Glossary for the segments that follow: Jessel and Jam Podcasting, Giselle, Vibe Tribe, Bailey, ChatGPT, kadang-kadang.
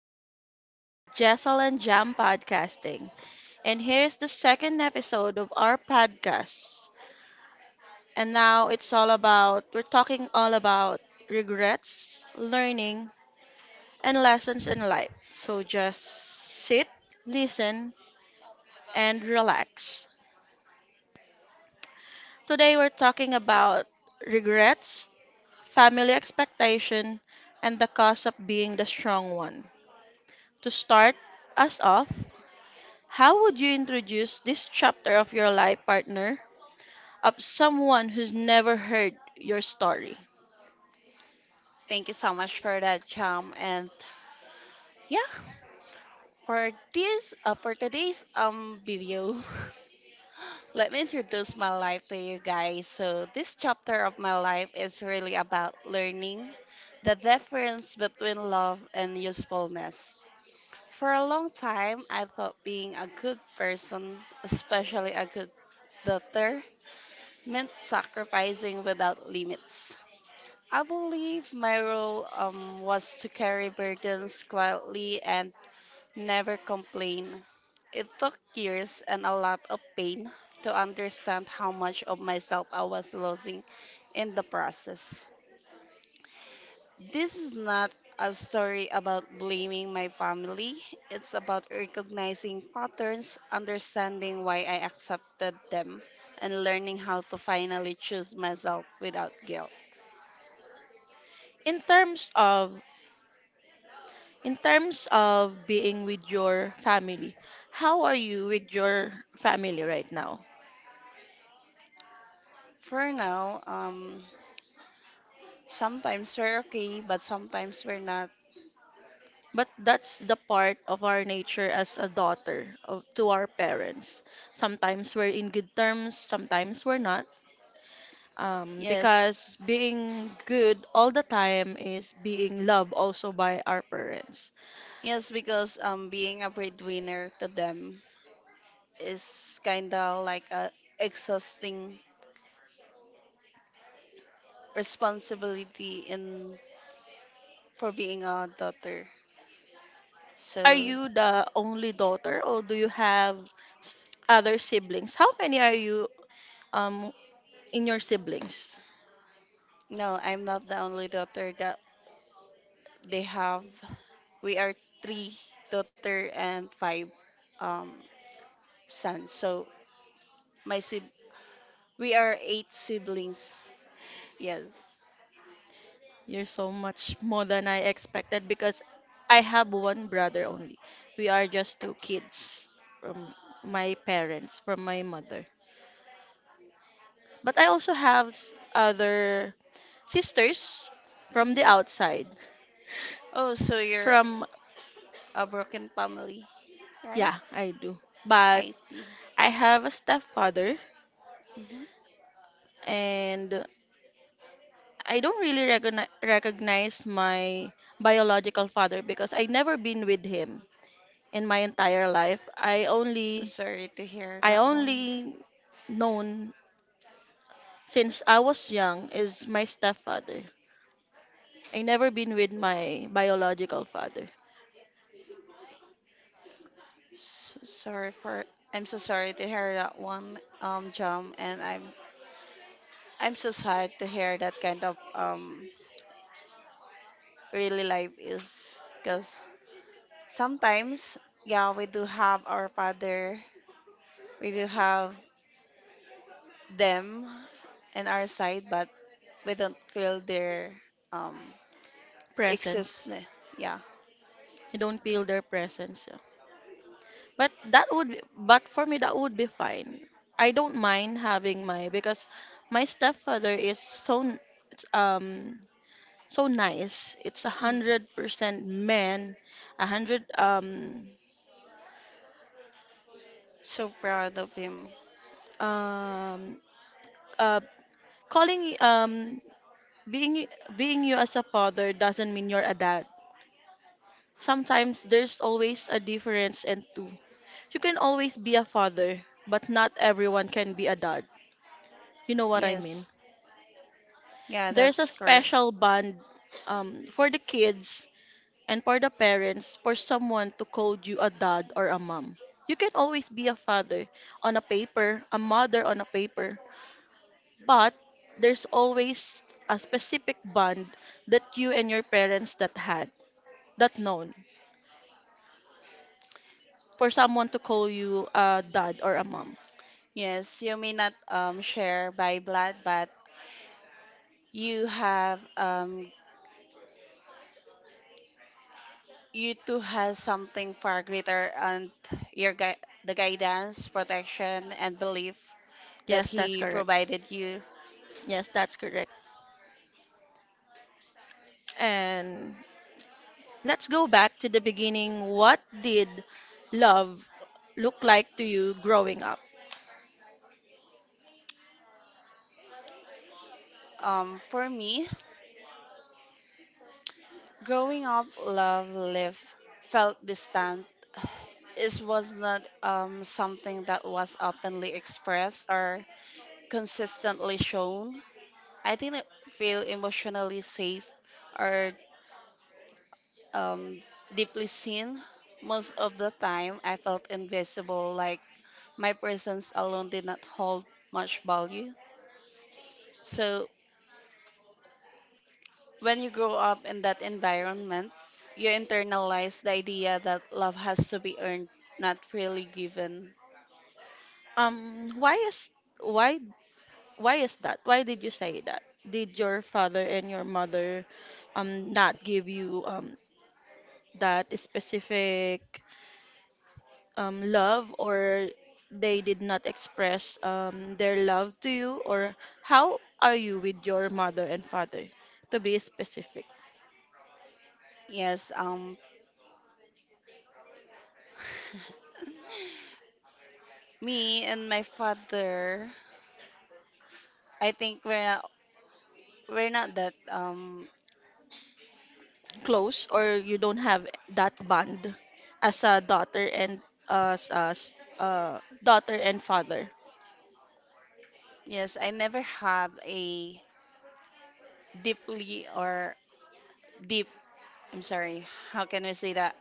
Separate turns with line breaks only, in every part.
Welcome to Jessel and Jam Podcasting. And here's the second episode of our podcast. And now we're talking all about regrets, learning, and lessons in life. So just sit, listen, and relax. Today we're talking about regrets, family expectation, and the cost of being the strong one. To start us off, how would you introduce this chapter of your life partner of someone who's never heard your story?
Thank you so much for that, Cham. And yeah, for today's video, let me introduce my life to you guys. So this chapter of my life is really about learning the difference between love and usefulness. For a long time, I thought being a good person, especially a good daughter, meant sacrificing without limits. I believe my role was to carry burdens quietly and never complain. It took years and a lot of pain to understand how much of myself I was losing in the process. This is not a story about blaming my family. It's about recognizing patterns, understanding why I accepted them, and learning how to finally choose myself without guilt.
In terms of in terms of being with your family, how are you with your family right now?
For now, sometimes we're okay, but sometimes we're not.
But that's the part of our nature as a daughter of to our parents. Sometimes we're in good terms, sometimes we're not. Um,
Yes.
because being good all the time is being loved also by our parents.
Yes, because being a breadwinner to them is kind of like a exhausting responsibility in for being a daughter.
Are
So
you the only daughter or do you have s- other siblings? How many are you um in your siblings?
no, I'm not the only daughter that they have. We are three daughter and five um, sons. So my sib- we are eight siblings. Yes.
You're so much more than I expected because I have one brother only. We are just two kids from my parents, from my mother. But I also have other sisters from the
Mhm.
outside.
Oh, so you're
From,
a broken family, right?
yeah, I do. But
I see.
I have a stepfather
Mm-hmm.
and I don't really recognize my biological father because I never been with him in my entire life.
So sorry to hear
I
that one.
only known since I was young is my stepfather. I never been with my biological father.
So sorry for I'm so sorry to hear that one, Jam, and I'm so sad to hear that kind of really life is, because sometimes, yeah, we do have our father, we do have them in our side, but we don't feel their um
Presence.
existence, yeah.
You don't feel their presence. Yeah. But for me that would be fine. I don't mind having my because my stepfather is so um so nice. It's a
Mm.
hundred percent men, a hundred
So proud of him.
um uh calling being being you as a father doesn't mean you're a dad. Sometimes there's always a difference and two. You can always be a father, but not everyone can be a dad. You know what I mean?
Yes, yeah,
There's a
that's correct.
special bond for the kids. And for the parents, for someone to call you a dad or a mom. You can always be a father on a paper, a mother on a paper, but there's always a specific bond that you and your parents that had, that known, for someone to call you a dad or a mom.
Yes, you may not share by blood, but you have, you too has something far greater, and your gui- the guidance, protection, and belief that
Yes, that's
he
correct.
provided you.
Yes, that's correct. And let's go back to the beginning. What did love look like to you growing up?
For me, growing up, love live felt distant. It was not something that was openly expressed or consistently shown. I didn't feel emotionally safe or, um, deeply seen. Most of the time, I felt invisible, like my presence alone did not hold much value. So, when you grow up in that environment, you internalize the idea that love has to be earned, not freely given.
Um, why is why Why is that? Why did you say that? Did your father and your mother not give you that specific love, or they did not express their love to you, or how are you with your mother and father to be specific?
Yes, me and my father, I think we're not that,
Close, or you don't have that bond as a daughter and as daughter and father
yes, I never had a deeply or deep. I'm sorry, how can we say that?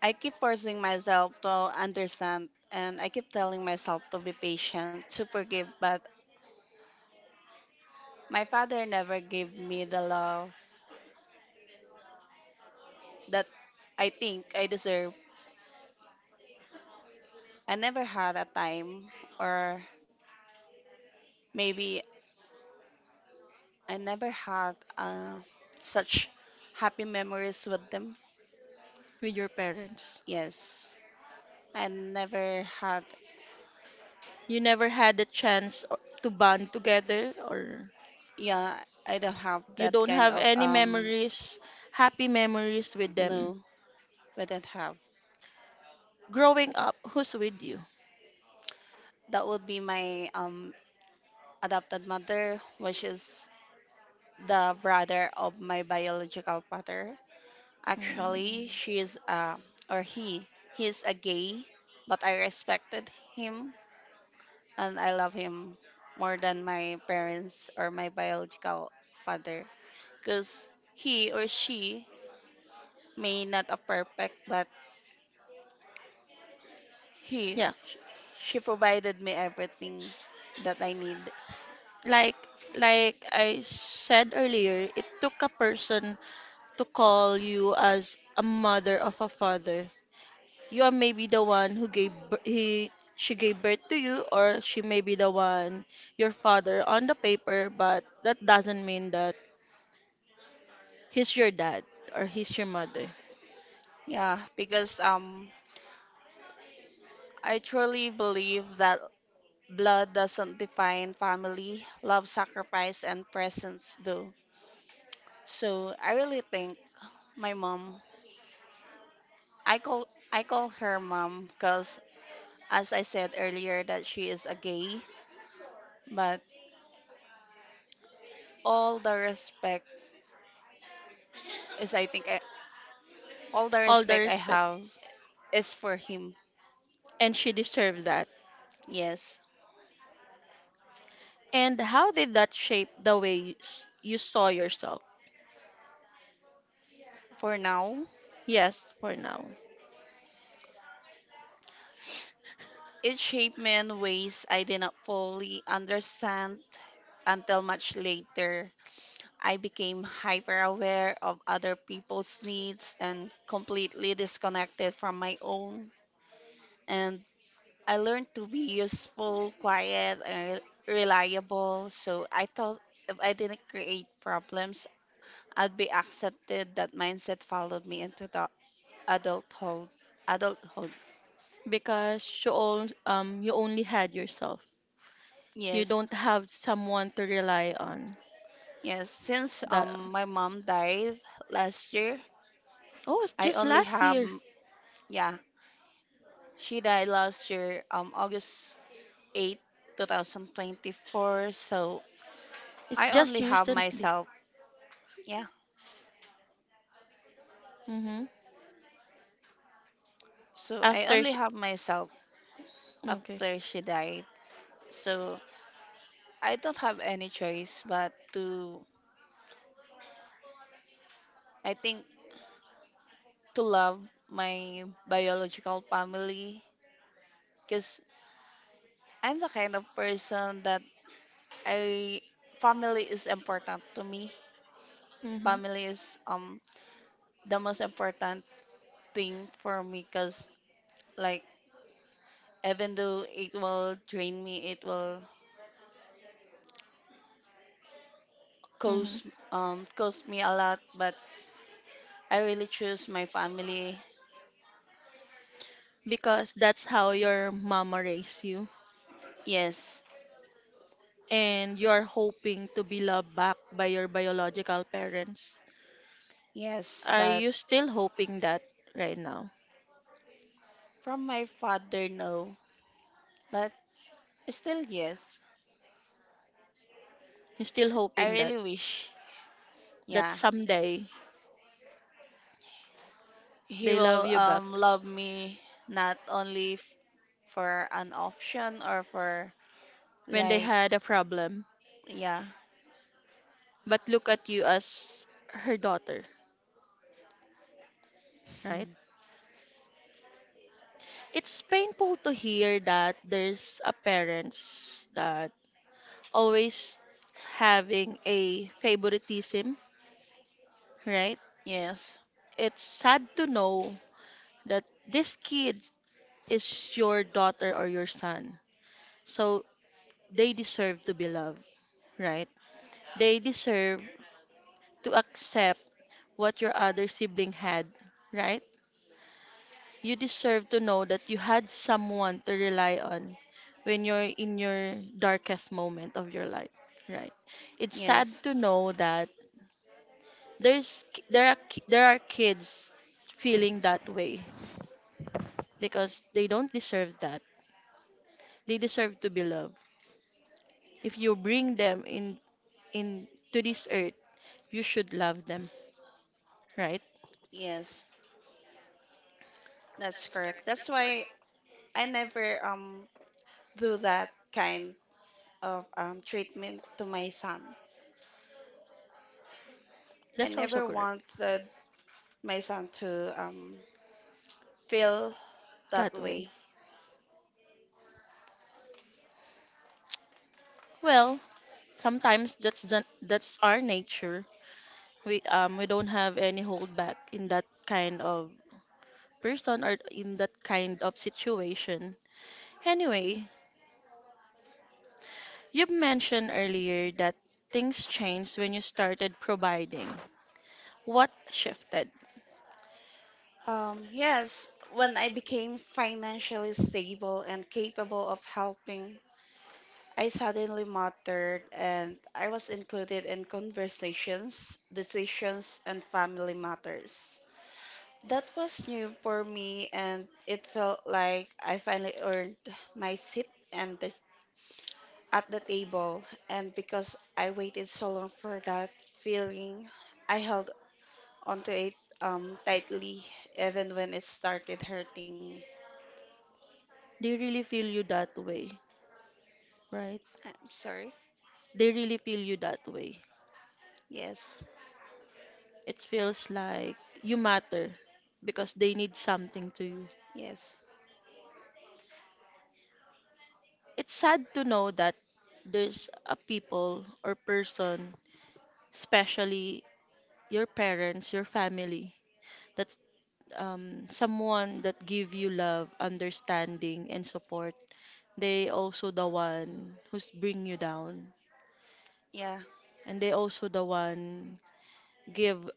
I keep forcing myself to understand and I keep telling myself to be patient, to forgive, but my father never gave me the love that I think I deserve. I never had a time, or maybe I never had, such happy memories with them.
with your parents?
Yes, I never had.
You never had a chance to bond together, or
Yeah, I don't have
you
that
don't
kind
have
of,
any memories, happy memories with them?
no, I don't have.
Growing up, who's with you?
That would be my adopted mother, which is the brother of my biological father.
Mm.
Actually, she is, or he is a gay, but I respected him and I love him more than my parents or my biological father, because he or she may not a perfect, but he,
Yeah.
sh- she provided me everything that I need.
Like like I said earlier, it took a person to call you as a mother of a father. You are maybe the one who gave bir- he she gave birth to you, or she may be the one your father on the paper, but that doesn't mean that he's your dad or he's your mother.
Yeah, because, I truly believe that blood doesn't define family, love, sacrifice, and presence do. So I really think, my mom, I call her mom because, as I said earlier, that she is a gay, but all the respect is, I think I, all the
All the
respect I
respect,
have is for him.
and she deserved that.
Yes.
And how did that shape the way you saw yourself?
For now,
Yes, for now,
it shaped me in ways I did not fully understand until much later. I became hyper aware of other people's needs and completely disconnected from my own. And I learned to be useful, quiet, and reliable. So I thought if I didn't create problems, I'd be accepted. That mindset followed me into the adulthood. Adulthood.
because you only had yourself. You
Yes.
don't have someone to rely on.
Yes. Since
That
my mom died last year,
Oh, it's
I
just
only
last
have,
year.
yeah, she died last year, August 8, 2024. So
It's
I
just
only have
recently.
myself, yeah.
Mm-hmm.
So I
After
only
sh-
have myself
okay.
after she died. So I don't have any choice but to, I think, to love my biological family, because I'm the kind of person that I, family is important to me.
Mhm.
Family is the most important thing for me, because, like, even though it will drain me, it will cost
Mhm.
cost me a lot, but I really choose my family.
Because that's how your mama raised you,
Yes.
and you're hoping to be loved back by your biological parents.
Yes,
Are
but
you still hoping that right now?
from my father, no. But still, yes.
You're still
I
hoping that
really wish,
that
yeah,
someday
he
they love
will
you back
love me, not only for an option or for,
when they
like,
had a problem,
yeah.
but look at you as her daughter, right?
Mm.
It's painful to hear that there's a parents that always having a favoritism, right?
Yes,
It's sad to know that this kid is your daughter or your son. So they deserve to be loved, right? They deserve to accept what your other sibling had, right? You deserve to know that you had someone to rely on when you're in your darkest moment of your life, right? It's sad
yes,
to know that there's ki- there are kids feeling that way, because they don't deserve that. They deserve to be loved. If you bring them in to this earth, you should love them, right?
yes. That's correct. That's why I never do that kind of treatment to my son. I
That's also
never
correct
wanted my son to, feel that
that way.
way.
Well, sometimes that's our nature. We don't have any hold back in that kind of person or in that kind of situation. Anyway, you mentioned earlier that things changed when you started providing. What shifted?
Yes, when I became financially stable and capable of helping, I suddenly mattered, and I was included in conversations, decisions, and family matters. That was new for me, and it felt like I finally earned my seat and the at the table, and because I waited so long for that feeling, I held onto it, tightly, even when it started hurting.
They really feel you that way, right?
I'm sorry.
They really feel you that way.
Yes,
It feels like you matter because they need something to you.
yes,
It's sad to know that there's a people or person, especially your parents, your family, that's someone that give you love, understanding, and support. They also the one who's bring you down,
yeah.
and they also the one give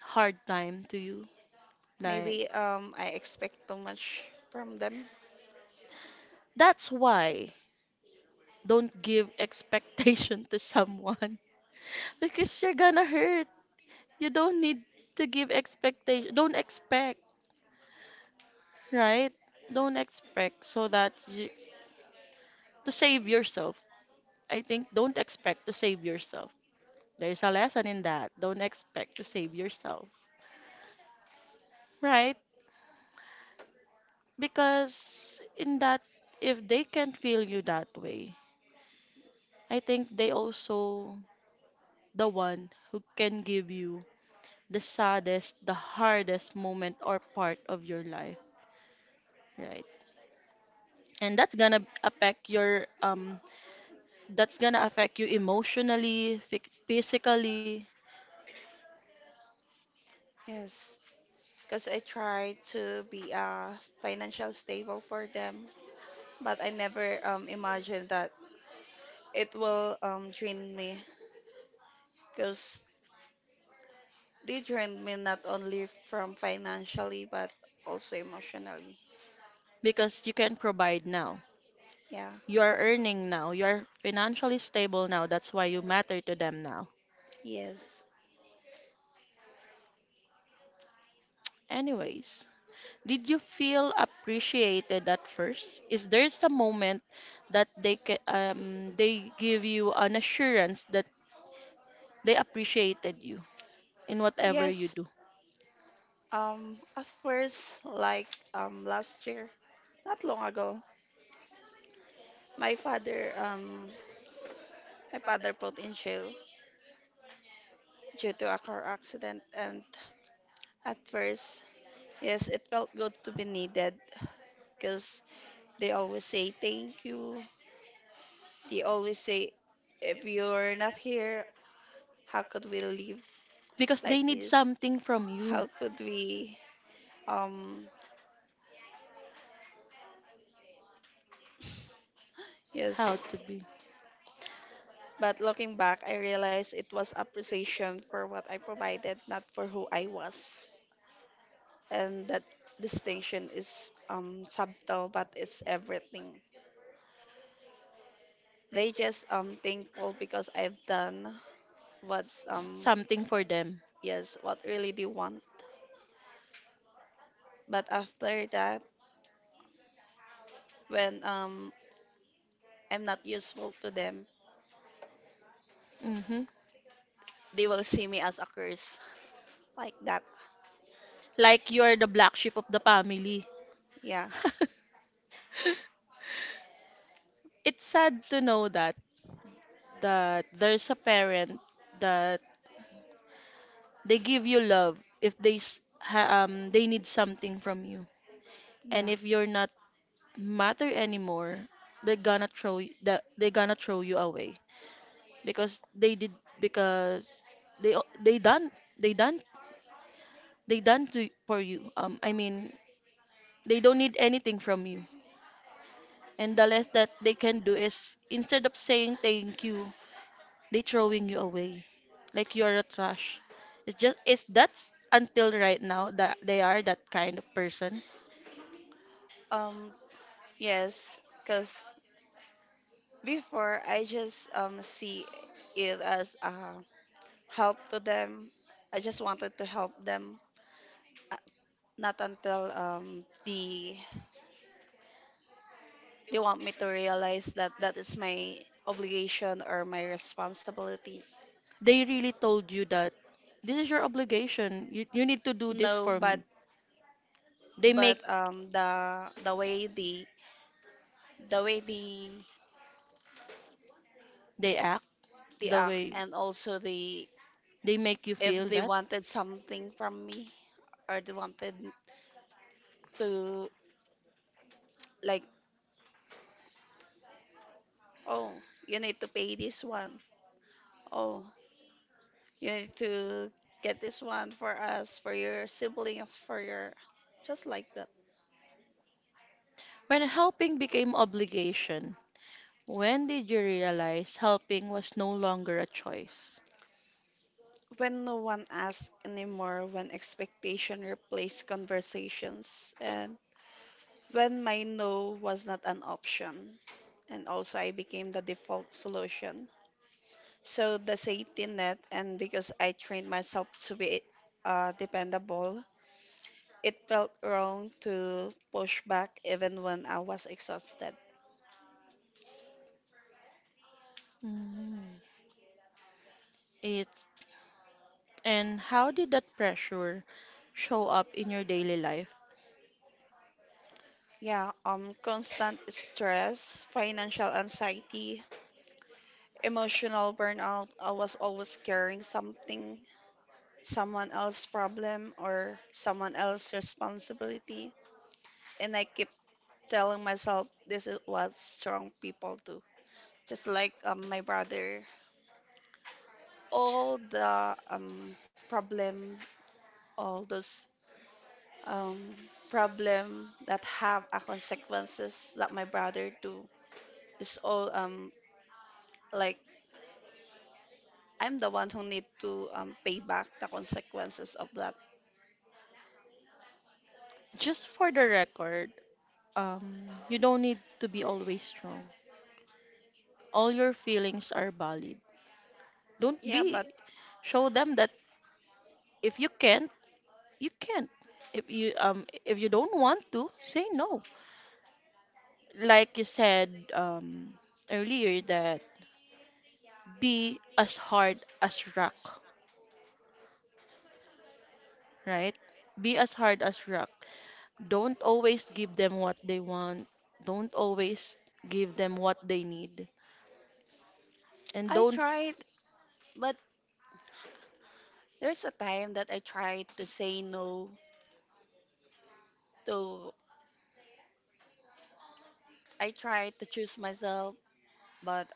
hard time to you. Like
Maybe, I expect too much from them.
that's why don't give expectation to someone because you're gonna hurt. You don't need to give expectation. Don't expect, right? Don't expect so that you to save yourself. I think don't expect to save yourself. There's a lesson in that. Don't expect to save yourself, right? Because in that, if they can feel you that way, I think they also the one who can give you the saddest, the hardest moment or part of your life. Right. And that's gonna affect your that's gonna affect you emotionally, physically,
Yes, because I try to be, financial stable for them, but I never, imagined that it will, drain me. Because they drained me not only from financially but also emotionally.
because you can provide now.
Yeah.
You are earning now. You are financially stable now. That's why you matter to them now.
Yes.
Anyways, did you feel appreciated at first? Is there some moment that they give you an assurance that they appreciated you in whatever you, yes,
Yes.
do?
At first, like, last year, not long ago, my father um my father put in jail due to a car accident, and at first, yes, it felt good to be needed, because they always say thank you. They always say, if you're not here, how could we live
Because they
like
need
this?
something from you.
How could we um Yes,
How to be?
but looking back, I realized it was appreciation for what I provided, not for who I was. And that distinction is, subtle, but it's everything. They just thankful because I've done what's,
Something for them.
yes, what really they want. But after that, when I'm not useful to them,
Hmm.
they will see me as a curse, like that.
Like you are the black sheep of the family.
Yeah,
It's sad to know that there's a parent that they give you love if they need something from you, and
yeah.
if you're not matter anymore they're gonna throw you away, because they did because they o- they done they done they done to for you, I mean they don't need anything from you. And the less that they can do is instead of saying thank you, they throwing you away. Like you're a trash. It's just it's that's until right now that they are that kind of person.
Um yes, because, before, I just see it as a help to them. I just wanted to help them. Uh, Not until, they want me to realize that that is my obligation or my responsibilities.
They really told you that this is your obligation. You need to do this
No,
for
but
me. They make
the way
they act
the
the
act
way
and also the
they make you
if
feel
they
that.
wanted something from me, or they wanted to, like, oh, you need to pay this one. Oh, you need to get this one for us, for your sibling, for your. Just like that.
When helping became obligation, when did you realize helping was no longer a choice?
When no one asks anymore, when expectation replaced conversations, and when my no was not an option. And also, I became the default solution. So, the safety net, and because I trained myself to be, dependable, it felt wrong to push back even when I was exhausted.
Mm. It's And how did that pressure show up in your daily life?
Yeah, constant stress, financial anxiety, emotional burnout. I was always carrying something, someone else's problem or someone else's responsibility. And I keep telling myself, this is what strong people do. Just like, my brother, all the, problem, all those, um, problem that have a consequences that my brother do is all like, I'm the one who need to, pay back the consequences of that.
Just for the record, you don't need to be always strong. All your feelings are valid. Don't
Yeah, but
be. Show them that if you can't, you can't. If you don't want to, say no. Like you said earlier that be as hard as rock, right? Be as hard as rock. Don't always give them what they want. Don't always give them what they need. And
I
don't
tried, but there's a time that I tried to say no to I tried to choose myself, but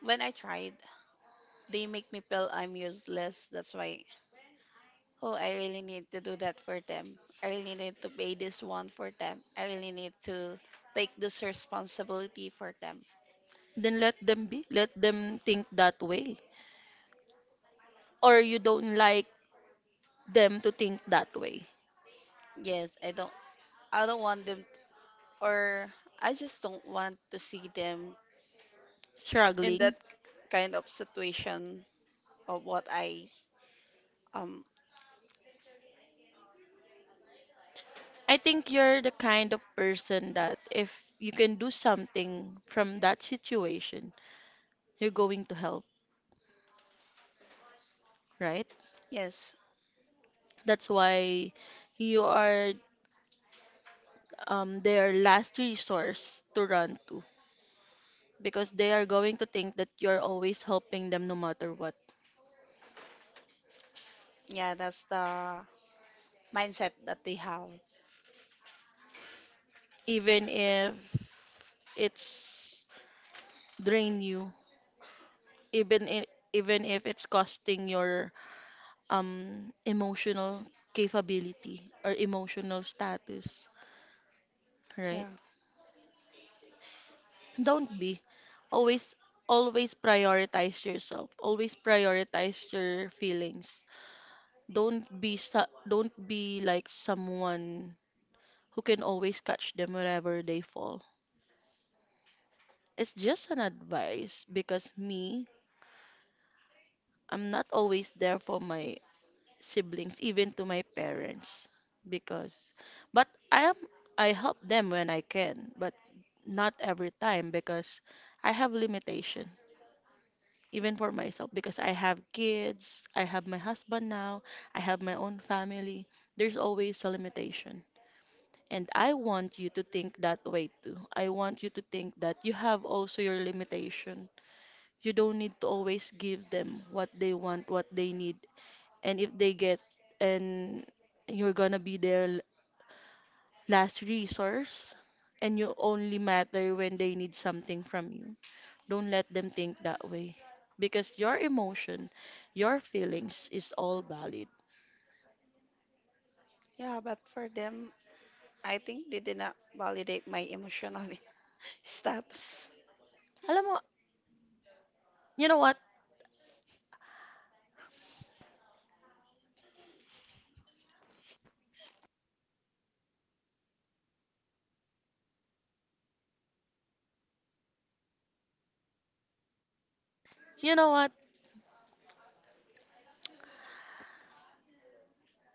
when I tried, they make me feel I'm useless. That's why, oh, I really need to do that for them. I really need to pay this one for them. I really need to take this responsibility for them.
then let them be. Let them think that way. Or you don't like them to think that way.
Yes, I don't want them, or I just don't want to see them in that
Struggling.
kind of situation, of what I, um
I think you're the kind of person that if you can do something from that situation, you're going to help, right?
yes.
That's why you are their last resource to run to, because they are going to think that you're always helping them no matter what,
Yeah, that's the mindset that they have.
even if it's drain you, even if, even if it's costing your emotional capability or emotional status, right?
Yeah,
Don't be always, always prioritize yourself, always prioritize your feelings. Don't be like someone who can always catch them wherever they fall. It's just an advice, because me, I'm not always there for my siblings, even to my parents. Because, but I am, I help them when I can, but not every time because I have limitation, even for myself, because I have kids, I have my husband now, I have my own family. There's always a limitation. And I want you to think that way too. I want you to think that you have also your limitation. You don't need to always give them what they want, what they need. And if they get and you're gonna be their last resource and you only matter when they need something from you. Don't let them think that way. Because your emotion, your feelings is all valid.
yeah, but for them, I think they did not validate my emotional status.
Alam mo, you know what? You know what?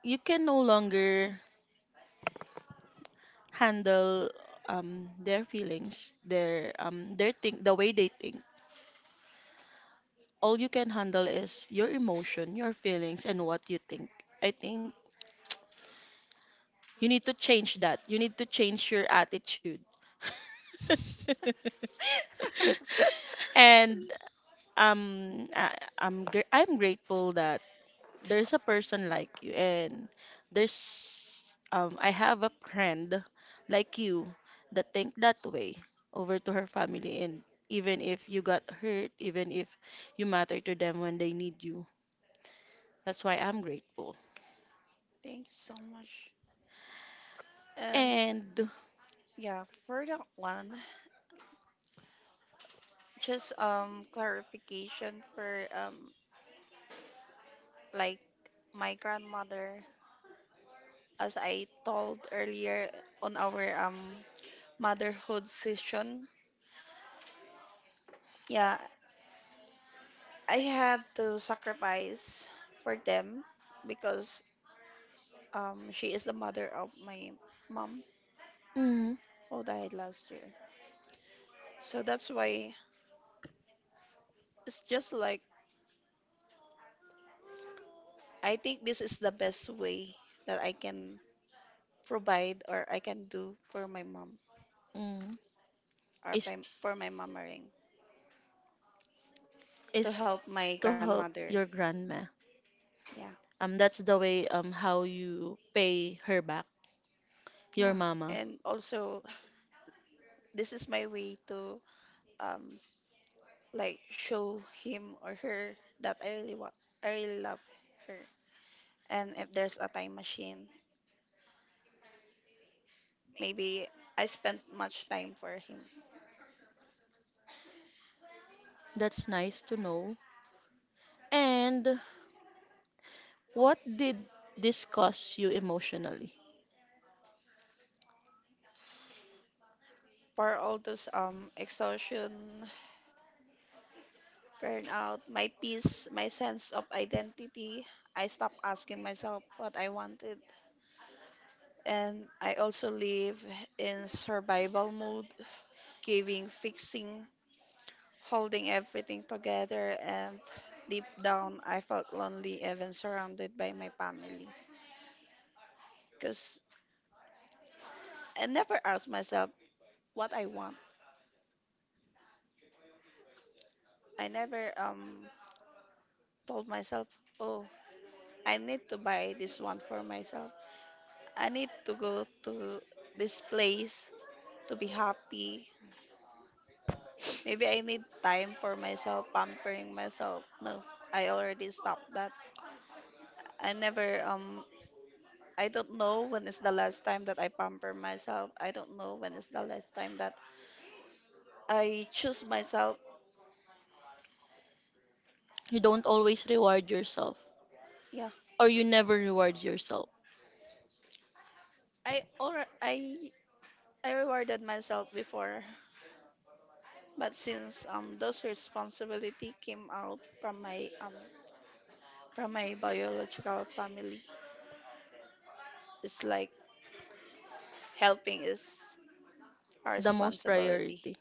You can no longer handle their feelings, their think the way they think. All you can handle is your emotion, your feelings, and what you think. I think you need to change that. You need to change your attitude. And I'm grateful that there's a person like you, and there's I have a friend like you that think that way over to her family, and even if you got hurt, even if you matter to them when they need you, that's why I'm grateful.
Thank you so much. And
And
yeah, for that one, just clarification for, like, my grandmother, as I told earlier on our motherhood session. Yeah, I had to sacrifice for them, because she is the mother of my mom
mm,
who died last year. So that's why, it's just like, I think this is the best way that I can provide or I can do for my mom,
mm,
or
is
by, for my mommering, to
is
help my
to help
grandmother.
your grandma.
Yeah.
That's the way how you pay her back, your
Yeah.
mama.
And also, this is my way to um like, show him or her that I really love her. And if there's a time machine, maybe I spent much time for him.
That's nice to know. And what did this cost you emotionally?
For all those exhaustion, burnout, my peace, my sense of identity, I stopped asking myself what I wanted. And I also live in survival mode, giving, fixing, holding everything together, and deep down I felt lonely even surrounded by my family. Because I never asked myself what I want. I never told myself, oh, I need to buy this one for myself. I need to go to this place to be happy. Maybe I need time for myself, pampering myself. No, I already stopped that. I never, I don't know when is the last time that I pamper myself. I don't know when is the last time that I choose myself.
You don't always reward yourself,
Yeah,
or you never reward yourself.
I already, I, I rewarded myself before. But since those responsibility came out from my biological family. It's like helping is our
The most
responsibility.
priority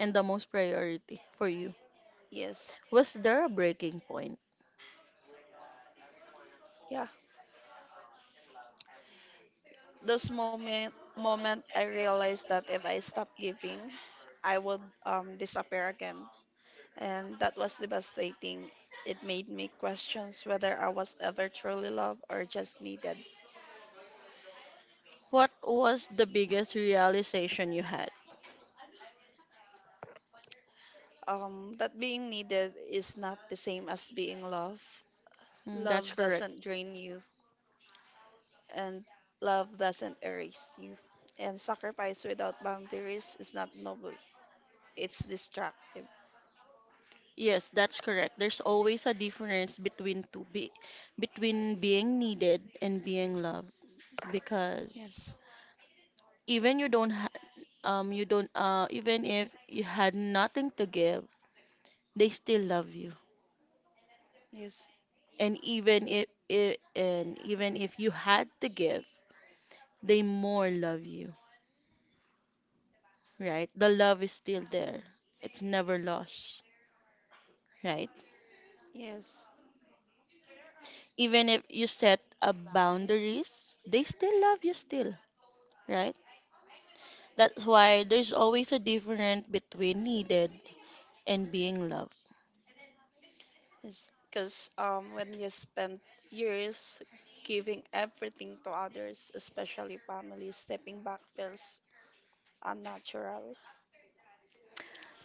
the most priority for you.
Yes.
Was there a breaking point?
Yeah. Those moment I realized that if I stop giving, I would disappear again. And that was devastating. It made me questions whether I was ever truly loved or just needed.
What was the biggest realization you had?
That being needed is not the same as being loved.
Mm, that's
Love
correct.
doesn't drain you, and love doesn't erase you. And sacrifice without boundaries is not noble. It's destructive.
Yes, that's correct. There's always a difference between to be between being needed and being loved, because
Yes,
even you don't ha you don't even if you had nothing to give, they still love you.
yes,
And even if you had to give, they more love you, right? The love is still there. It's never lost, right?
yes,
Even if you set a boundaries, they still love you still, right? That's why there's always a difference between needed and being loved.
yes. Because when you spend years giving everything to others, especially family, stepping back feels unnatural,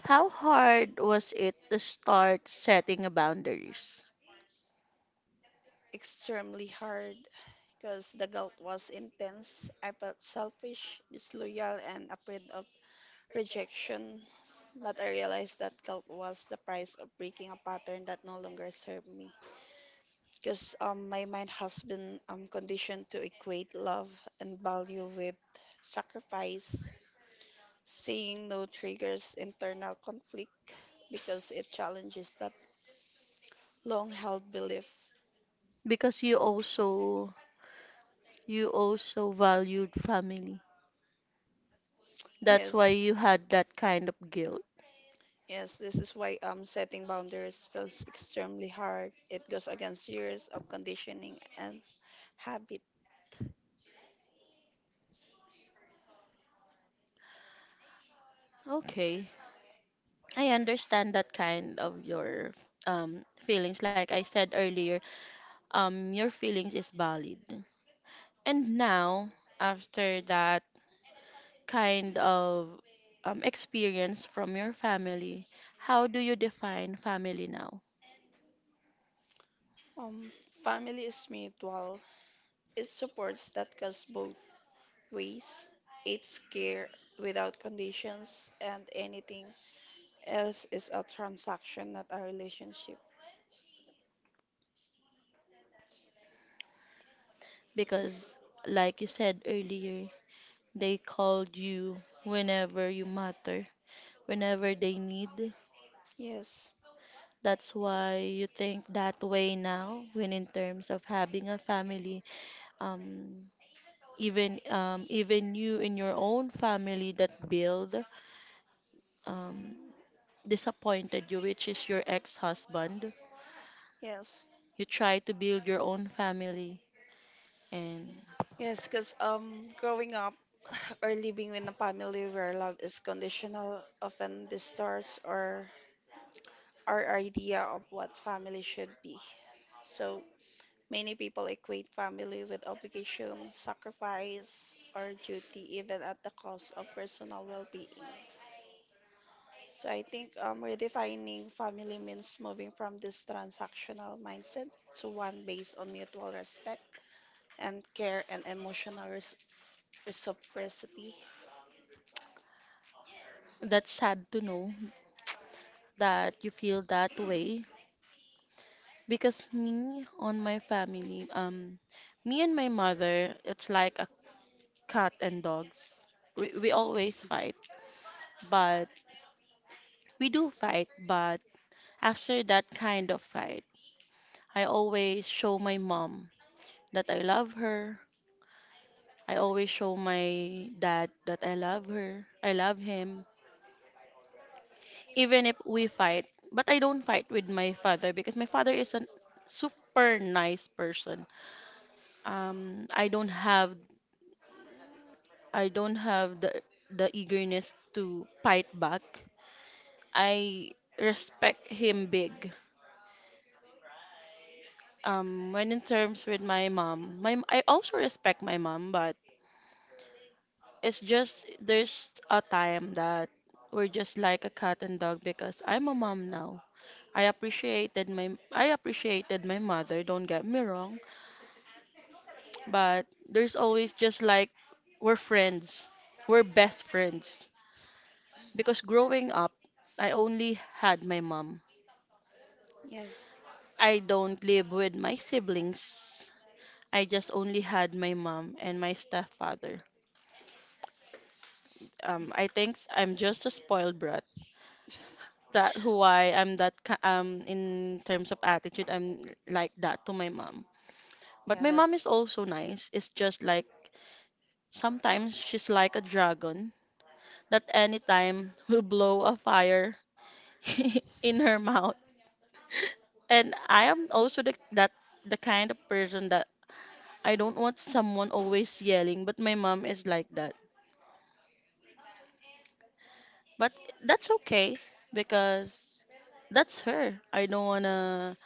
How hard was it to start setting a boundaries?
extremely hard. Because the guilt was intense, I felt selfish, disloyal, and afraid of rejection, but I realized that guilt was the price of breaking a pattern that no longer served me. Because my mind has been conditioned to equate love and value with sacrifice, saying no triggers internal conflict because it challenges that long held belief.
Because you also valued family. That's why
Yes,
you had that kind of guilt.
yes, this is why setting boundaries feels extremely hard. It goes against years of conditioning and habit.
Okay. I understand that kind of your feelings, like I said earlier. Um, your feelings is valid. And now after that kind of experience from your family, how do you define family now?
Um, Family is mutual. It supports that goes both ways. It's care without conditions, and anything else is a transaction, not a relationship.
Because, like you said earlier, they called you whenever you matter, whenever they need.
Yes,
That's why you think that way now, when in terms of having a family, um, even even you in your own family that build um, disappointed you, which is your ex-husband.
yes,
You try to build your own family. And
yes. Because growing up or living in a family where love is conditional often distorts or our idea of what family should be. So many people equate family with obligation, sacrifice, or duty, even at the cost of personal well being. So I think redefining family means moving from this transactional mindset to one based on mutual respect and care and reciprocity.
that's sad to know that you feel that way. Because me, on my family, me and my mother, it's like a cat and dogs. We always fight, but we do fight, but after that kind of fight, I always show my mom that I love her. I always show my dad that I love her. I love him even if we fight. But I don't fight with my father because my father is a super nice person. Um, I don't have I don't have the eagerness to fight back. I respect him big. When in terms with my mom, my I also respect my mom, but it's just there's a time that we're just like a cat and dog because I'm a mom now. I appreciated my mother, don't get me wrong, but there's always just like we're friends. We're best friends. Because growing up, I only had my mom.
Yes,
I don't live with my siblings. I just only had my mom and my stepfather. I think I'm just a spoiled brat. That why I'm in terms of attitude, I'm like that to my mom. But
yeah,
my mom
that's,
is also nice. It's just like sometimes she's like a dragon that anytime will blow a fire in her mouth. And I am also that the kind of person that I don't want someone always yelling, but my mom is like that. But that's okay because that's her. I don't want to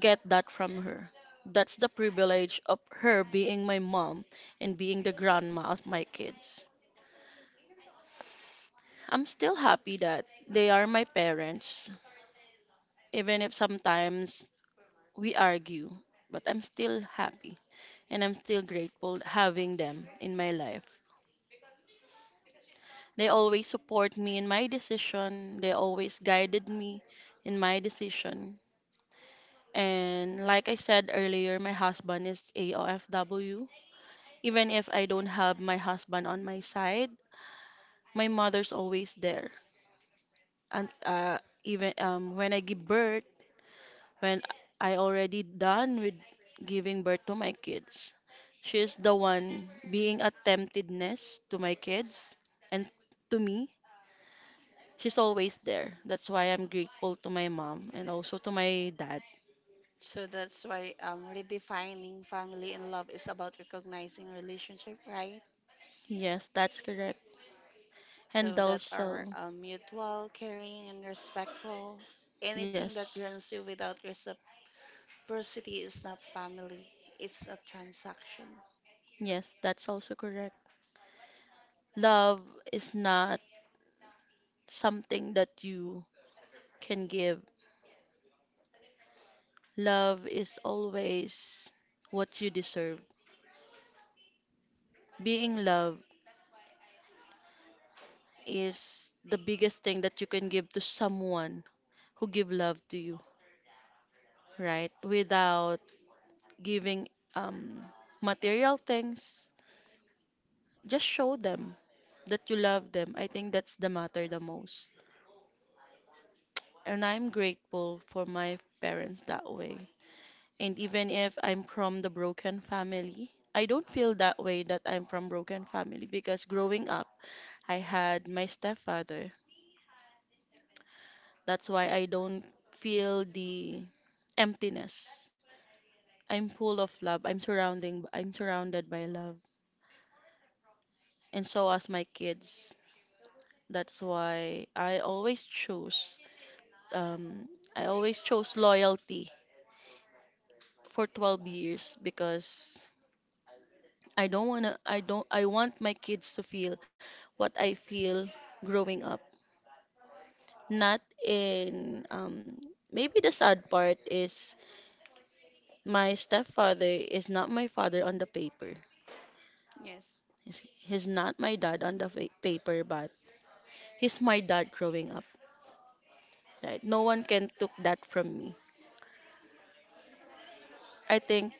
get that from her. That's the privilege of her being my mom and being the grandma of my kids. I'm still happy that they are my parents, even if sometimes we argue, but I'm still happy, and I'm still grateful having them in my life. They always support me in my decision, they always guided me in my decision. And like I said earlier, my husband is AOFW. Even if I don't have my husband on my side, my mother's always there. And even when I give birth, when I already done with giving birth to my kids, she's the one being a temptedness to my kids and to me, she's always there. That's why I'm grateful to my mom and also to my dad.
so that's why redefining family and love is about recognizing relationship, right?
Yes, that's correct.
So
And
that are
also,
mutual, caring, and respectful. Anything that
yes,
runs you without reciprocity is not family, it's a transaction.
yes, that's also correct. Love is not something that you can give. Love is always what you deserve. Being loved is the biggest thing that you can give to someone who give love to you, right? Without giving um material things, just show them that you love them. I think that's the matter the most. And I'm grateful for my parents that way. And even if I'm from the broken family, I don't feel that way that I'm from broken family because growing up, I had my stepfather. That's why I don't feel the emptiness. I'm full of love. I'm surrounded by love. And so as my kids. That's why I always choose um, I always chose loyalty for 12 years because I don't want to I don't I want my kids to feel what I feel growing up. Not in maybe the sad part is my stepfather is not my father on the paper.
Yes,
He's not my dad on the paper, but he's my dad growing up. Right? No one can took that from me. I think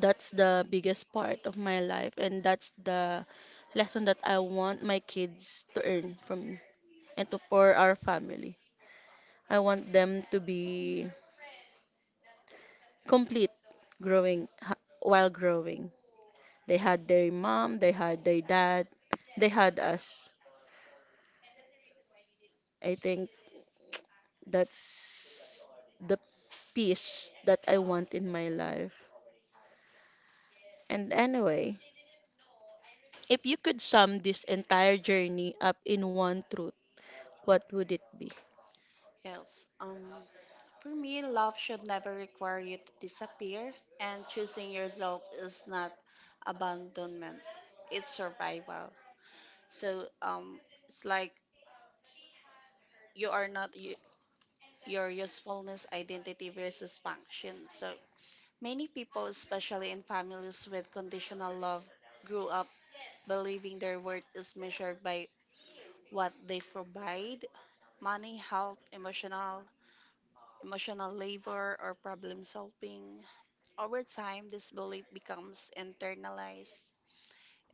that's the biggest part of my life, and that's the lesson that I want my kids to earn from me and to for our family. I want them to be complete growing while growing. They had their mom, they had their dad, they had us. I think that's the peace that I want in my life. And anyway, if you could sum this entire journey up in one truth, what would it be?
yes. For me, love should never require you to disappear, and choosing yourself is not abandonment, it's survival. So, it's like you are not y- your usefulness, identity versus function. So, many people, especially in families with conditional love, grew up believing their worth is measured by what they provide money, help, emotional labor, or problem solving. Over time, this belief becomes internalized.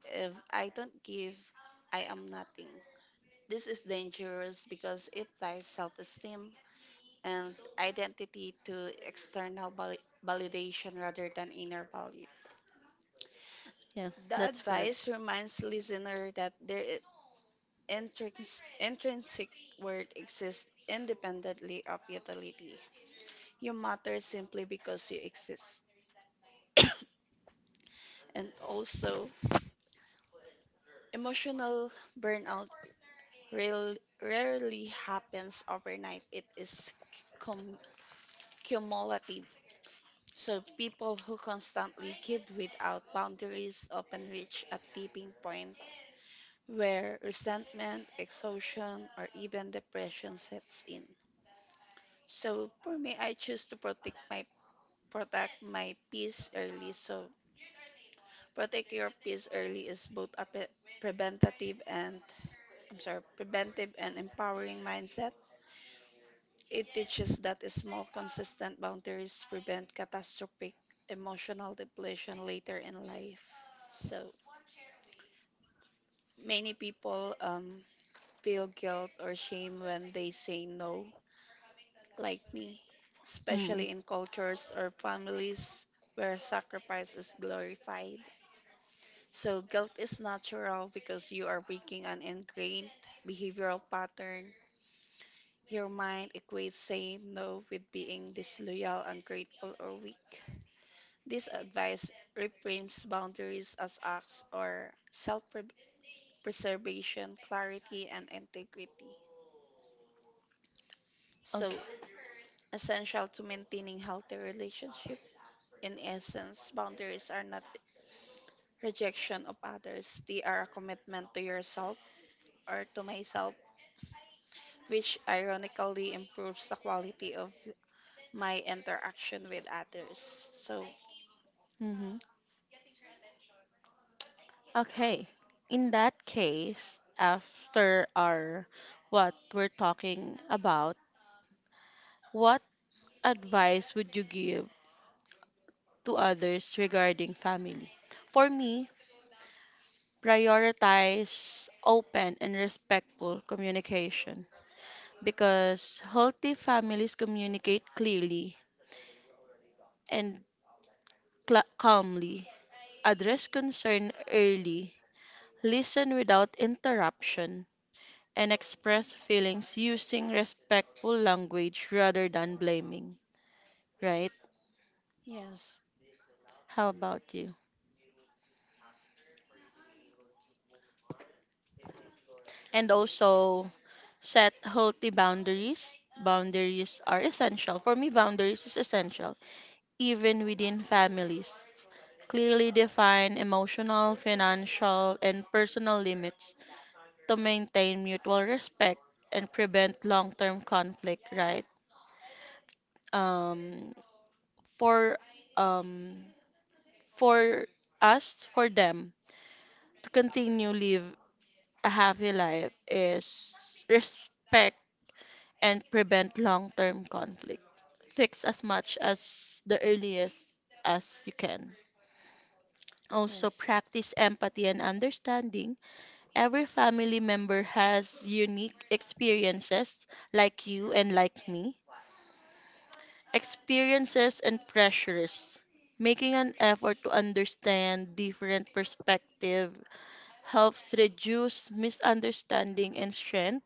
If I don't give, I am nothing. This is dangerous because it ties self esteem and identity to validation rather than inner value.
Yeah,
The
that's
advice
correct.
reminds listener that their intrinsic worth exists independently of utility. You matter simply because you exist. And also, emotional burnout rarely happens overnight. It is cum- cumulative. So people who constantly give without boundaries often reach a tipping point where resentment, exhaustion, or even depression sets in. So for me, I choose to protect my peace early. So protect your peace early is both a pre- preventative and I'm sorry, preventive and empowering mindset. It teaches that small, consistent boundaries prevent catastrophic emotional depletion later in life. So many people feel guilt or shame when they say no like me,
Mm.
especially in cultures or families where sacrifice is glorified. So, guilt is natural because you are breaking an ingrained behavioral pattern. Your mind equates saying no with being disloyal, ungrateful, or weak. This advice reframes boundaries as acts or self preservation, clarity, and integrity.
Okay.
So, essential to maintaining healthy relationships. In essence, boundaries are not rejection of others, they are a commitment to yourself or to myself, which ironically improves the quality of my interaction with others. So,
Hmm. Okay. In that case, after our what we're talking about, what advice would you give to others regarding family? For me, prioritize open and respectful communication because healthy families communicate clearly and cla calmly. Address concern early, listen without interruption, and express feelings using respectful language rather than blaming, right?
yes,
How about you? And also, set healthy boundaries. Boundaries are essential. For me, boundaries is essential, even within families. Clearly define emotional, financial, and personal limits to maintain mutual respect and prevent long-term conflict, right? um, for um, for us, for them to continue live a happy life is respect and prevent long-term conflict. Fix as much as the earliest as you can. Also,
yes.
practice empathy and understanding. Every family member has unique experiences, like you and like me, experiences and pressures. Making an effort to understand different perspective helps reduce misunderstanding and strength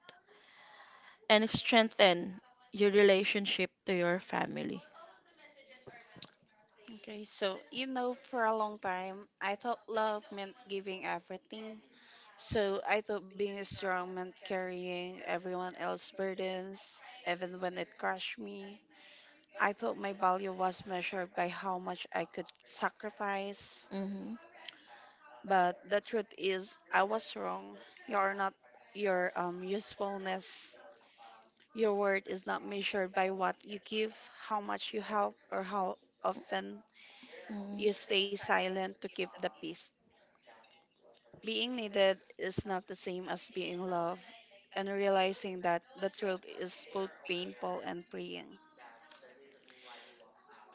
and strengthen your relationship to your family.
Okay, so you know, for a long time, I thought love meant giving everything. So I thought being strong meant carrying everyone else's burdens, even when it crushed me. I thought my value was measured by how much I could sacrifice,
Mm-hmm.
but the truth is I was wrong. You are not your usefulness. Your worth is not measured by what you give, how much you help, or how often you stay
Mm-hmm.
silent to keep the peace. Being needed is not the same as being loved, and realizing that the truth is both painful and freeing.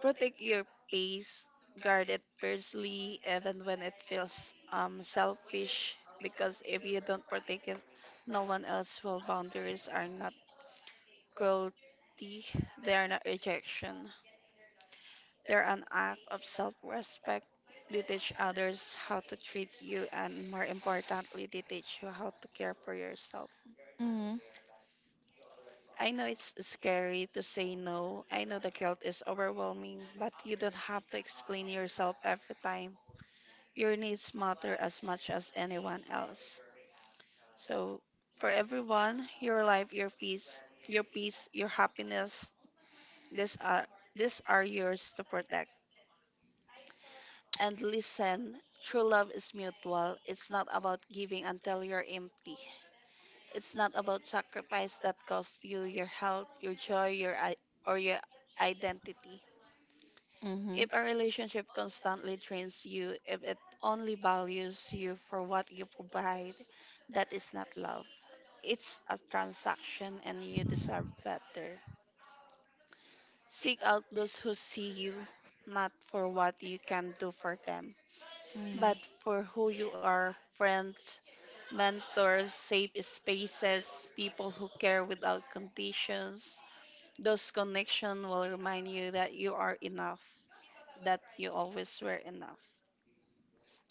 Protect your pace, guard it personally, even when it feels selfish. Because if you don't protect it, no one else will. Boundaries are not cruelty; they are not rejection. They're an act of self-respect. They teach others how to treat you, and more importantly, they teach you how to care for yourself.
Mm-hmm.
I know it's scary to say no. I know the guilt is overwhelming, but you don't have to explain yourself every time. Your needs matter as much as anyone else. So for everyone, your life, your peace, your happiness, these are these are yours to protect. And listen, true love is mutual. It's not about giving until you're empty. It's not about sacrifice that costs you your health, your joy, or your identity. If a relationship constantly drains you, if it only values you for what you provide, that is not love. It's a transaction and you deserve better. Seek out those who see you, not for what you can do for them, but
Mm-hmm.
for who you are friends, mentors, safe spaces, people who care without conditions. Those connections will remind you that you are enough, that you always were enough.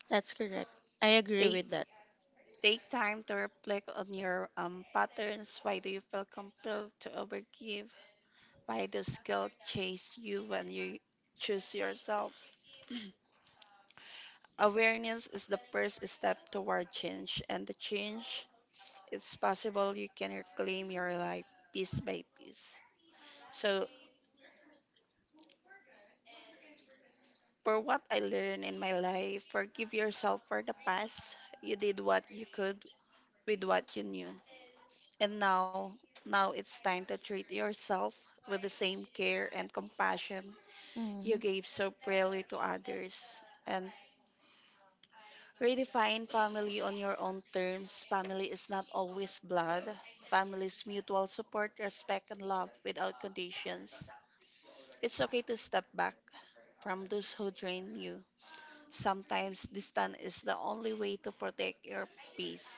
That's correct. I agree
Take
with that.
Take time to reflect on your patterns. Why do you feel compelled to overgive? By the skill, chase you when you choose yourself. Awareness is the first step toward change, and the change it's possible you can reclaim your life piece by piece. So, for what I learned in my life, forgive yourself for the past. You did what you could with what you knew. And now, now it's time to treat yourself with the same care and compassion you
Mm.
gave so freely to others. And redefine family on your own terms. Family is not always blood. Family is mutual support, respect, and love without conditions. It's okay to step back from those who drain you. Sometimes distance is the only way to protect your peace.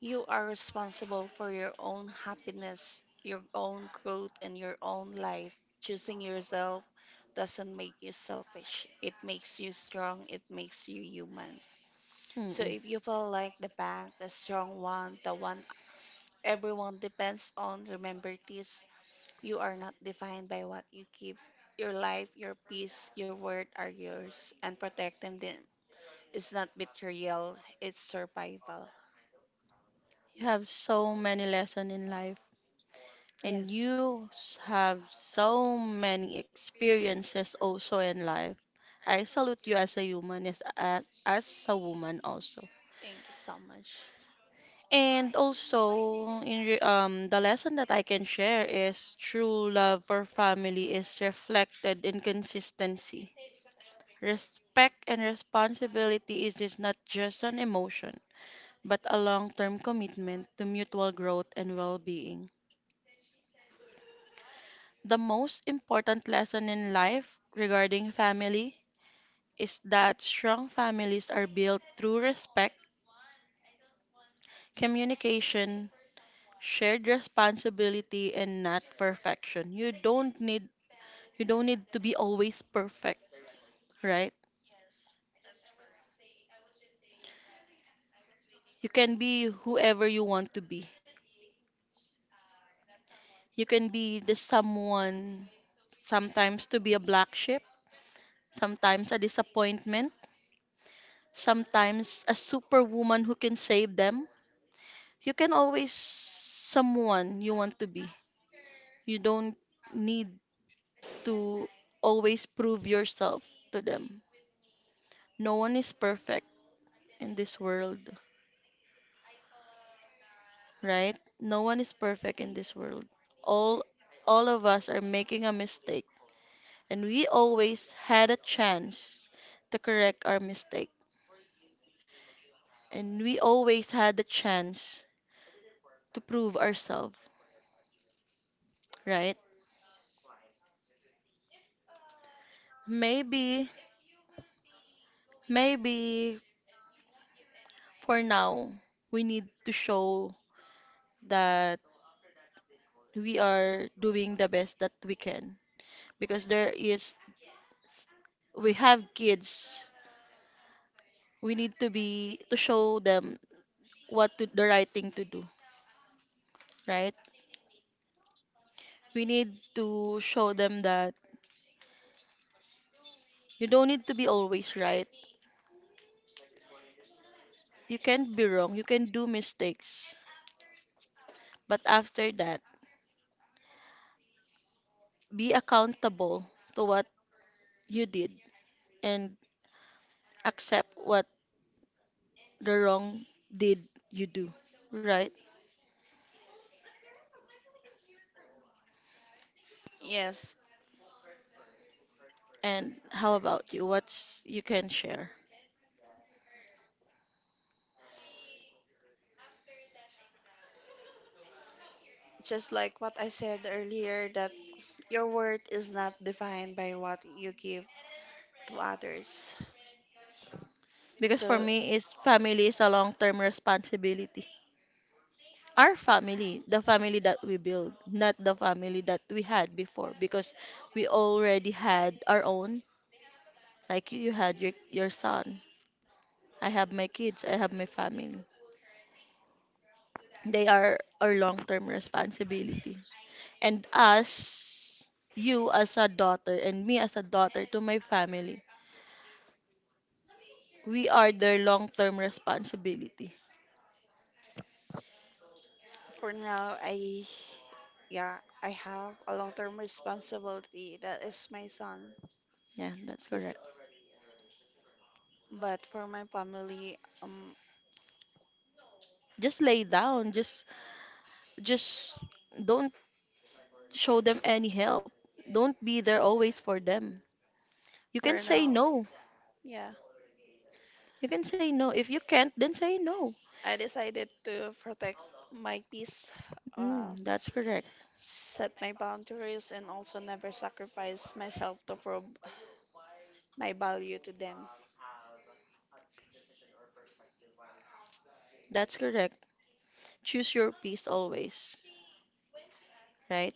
You are responsible for your own happiness, your own growth, and your own life. Choosing yourself doesn't make you selfish. It makes you strong. It makes you human. So
Mm-mm.
if you feel like the back, the strong one, the one everyone depends on, remember this, you are not defined by what you keep. Your life, your peace, your word are yours, and protecting them is not betrayal, it's survival.
You have so many lessons in life, and
Yes,
you have so many experiences also in life. I salute you as a human, as a woman also.
thank you so much.
And also, in the lesson that I can share is true love for family is reflected in consistency. Respect and responsibility is not just an emotion, but a long term commitment to mutual growth and well being. The most important lesson in life regarding family is that strong families are built through respect, communication, shared responsibility and not perfection. You don't need to be always perfect, right? You can be whoever you want to be. You can be the someone sometimes to be a black sheep, sometimes a disappointment, sometimes a superwoman who can save them. You can always someone you want to be. You don't need to always prove yourself to them. No one is perfect in this world, right? No one is perfect in this world. All all of us are making a mistake, and we always had a chance to correct our mistake, and we always had the chance to prove ourselves, right? Maybe Maybe for now, we need to show that we are doing the best that we can because there is we have kids. We need to be to show them what to the right thing to do, right? We need to show them that you don't need to be always right. You can not be wrong, you can do mistakes, but after that, be accountable to what you did and accept what the wrong did you do, right?
Yes,
And how about you? What's you can share?
just like what I said earlier, that your worth is not defined by what you give to others.
Because for
So
me, it's family is a long-term responsibility. Our family, the family that we build, not the family that we had before, because we already had our own. Like you had your son. I have my kids. I have my family. They are our long-term responsibility. And us, you as a daughter, and me as a daughter to my family we are their long-term responsibility.
for now, I, yeah, I have a long-term responsibility that is my son.
Yeah, that's
'Cause-
correct.
but for my family,
Just lay down. Just don't show them any help. Don't be there always for them. You
for
can say
now,
no.
yeah,
You can say no. If you can't, then say no.
I decided to protect my peace, uh,
That's correct.
set my boundaries, and also never sacrifice myself to prove my value to them.
That's correct. Choose your peace always, right?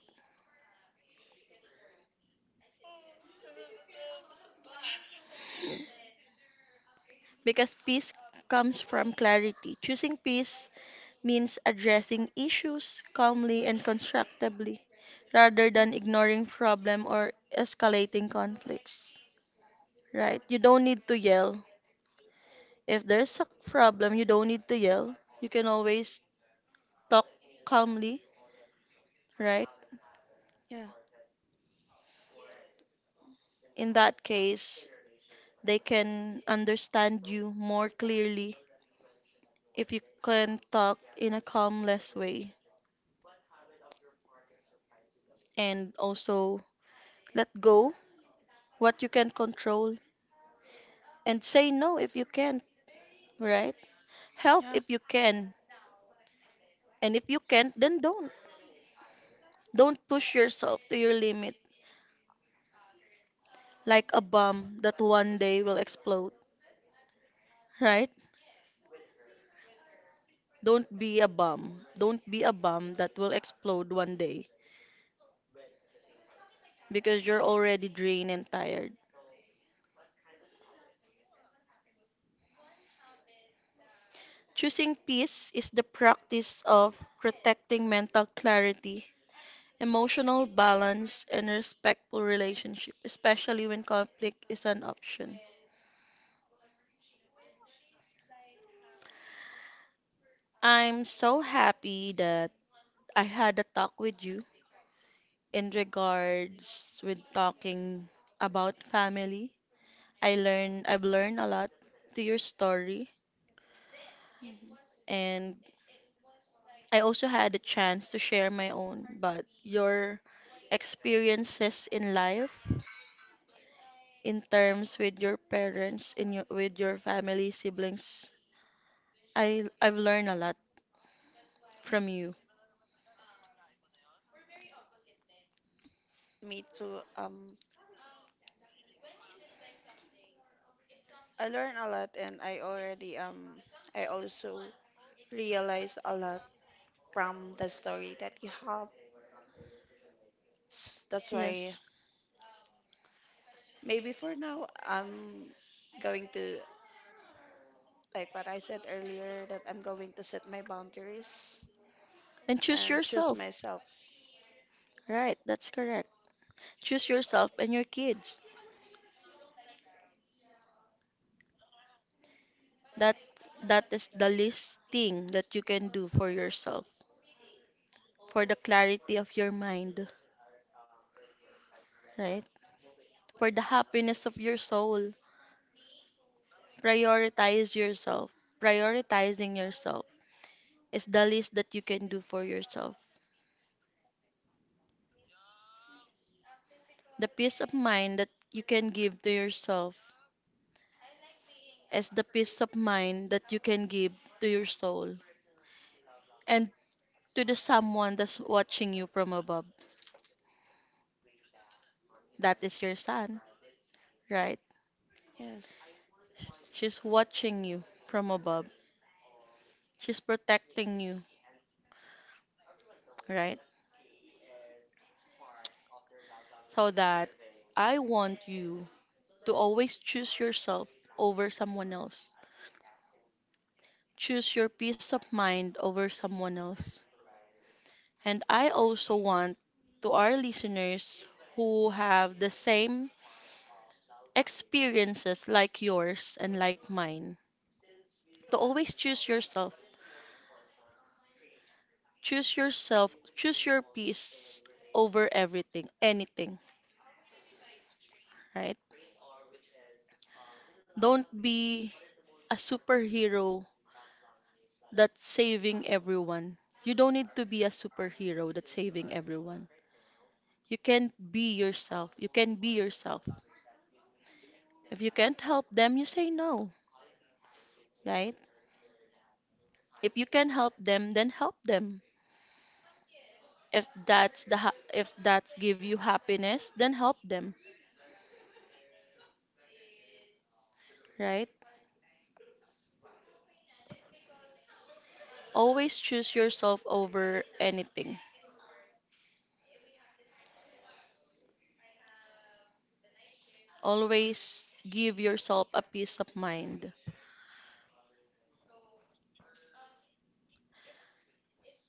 Because peace comes from clarity. Choosing peace means addressing issues calmly and constructively rather than ignoring problem or escalating conflicts. Right? You don't need to yell. If there's a problem, you don't need to yell. You can always talk calmly, right?
Yeah,
In that case, they can understand you more clearly if you can talk in a calmless way and also let go what you can control and say no if you can't, right? Help
yeah,
if you can, and if you can't, then don't. Don't push yourself to your limit like a bomb that one day will explode, right? Don't be a bomb. Don't be a bomb that will explode one day because you're already drained and tired. Choosing peace is the practice of protecting mental clarity, emotional balance, and respectful relationship, especially when conflict is an option. I'm so happy that I had a talk with you in regards with talking about family. I've learned a lot to your story
yeah. Mhm.
and I also had a chance to share my own, but your experiences in life in terms with your parents in your with your family siblings I've learned a lot from you.
Me too. I learned a lot, and I already I also realize a lot from the story that you have. That's why
Yes,
maybe for now I'm going to like what I said earlier, that I'm going to set my boundaries
and choose
and choose
yourself.
myself.
Right, that's correct. Choose yourself and your kids. That that is the least thing that you can do for yourself, for the clarity of your mind, right? For the happiness of your soul. Prioritize yourself. Prioritizing yourself is the least that you can do for yourself. The peace of mind that you can give to yourself is the peace of mind that you can give to your soul and to the someone that's watching you from above. That is your son, right?
Yes,
She's watching you from above. She's protecting you, right? So that I want you to always choose yourself over someone else. Choose your peace of mind over someone else. And I also want to our listeners who have the same experiences like yours and like mine to always choose yourself. Choose yourself, choose your peace over everything, anything, right? Don't be a superhero that's saving everyone. You don't need to be a superhero that's saving everyone. You can be yourself. You can be yourself. If you can't help them, you say no, right? If you can help them, then help them. If that's give you happiness, then help them, right? Always choose yourself over anything. Always give yourself a peace of mind.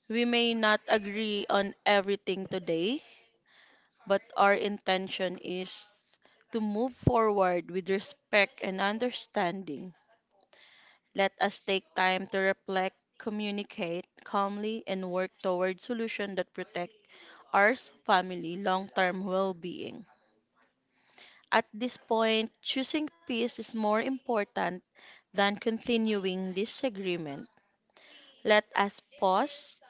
We may not agree on everything today, but our intention is to move forward with respect and understanding. Let us take time to reflect, communicate calmly, and work toward solutions that protect our family long-term well-being. At this point, choosing peace is more important than continuing disagreement. Let us pause,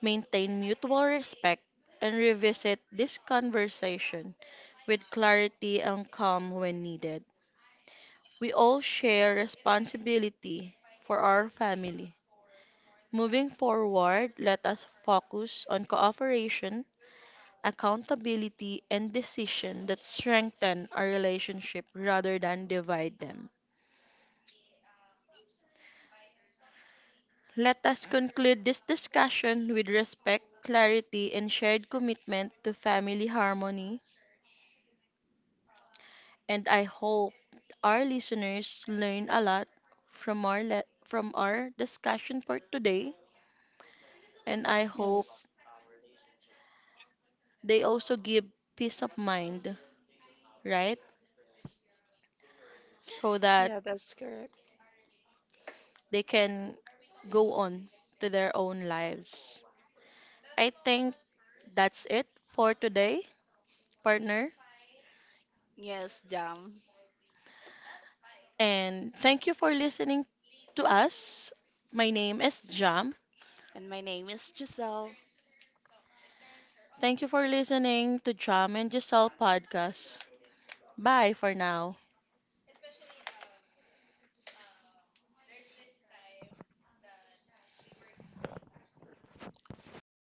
maintain mutual respect, and revisit this conversation with clarity and calm when needed. We all share responsibility for our family. Moving forward, let us focus on cooperation, accountability, and decision that strengthen our relationship rather than divide them. Let us conclude this discussion with respect, clarity, and shared commitment to family harmony, and I hope our listeners learn a lot from our discussion for today, and I hope
yes,
they also give peace of mind, right? So
yeah,
that
that's correct.
they can go on to their own lives. I think that's it for today, partner.
Yes, Jam.
And thank you for listening to us. My name is Jam.
And my name is Giselle.
Thank you for listening to Jam and Giselle podcast. Bye for now.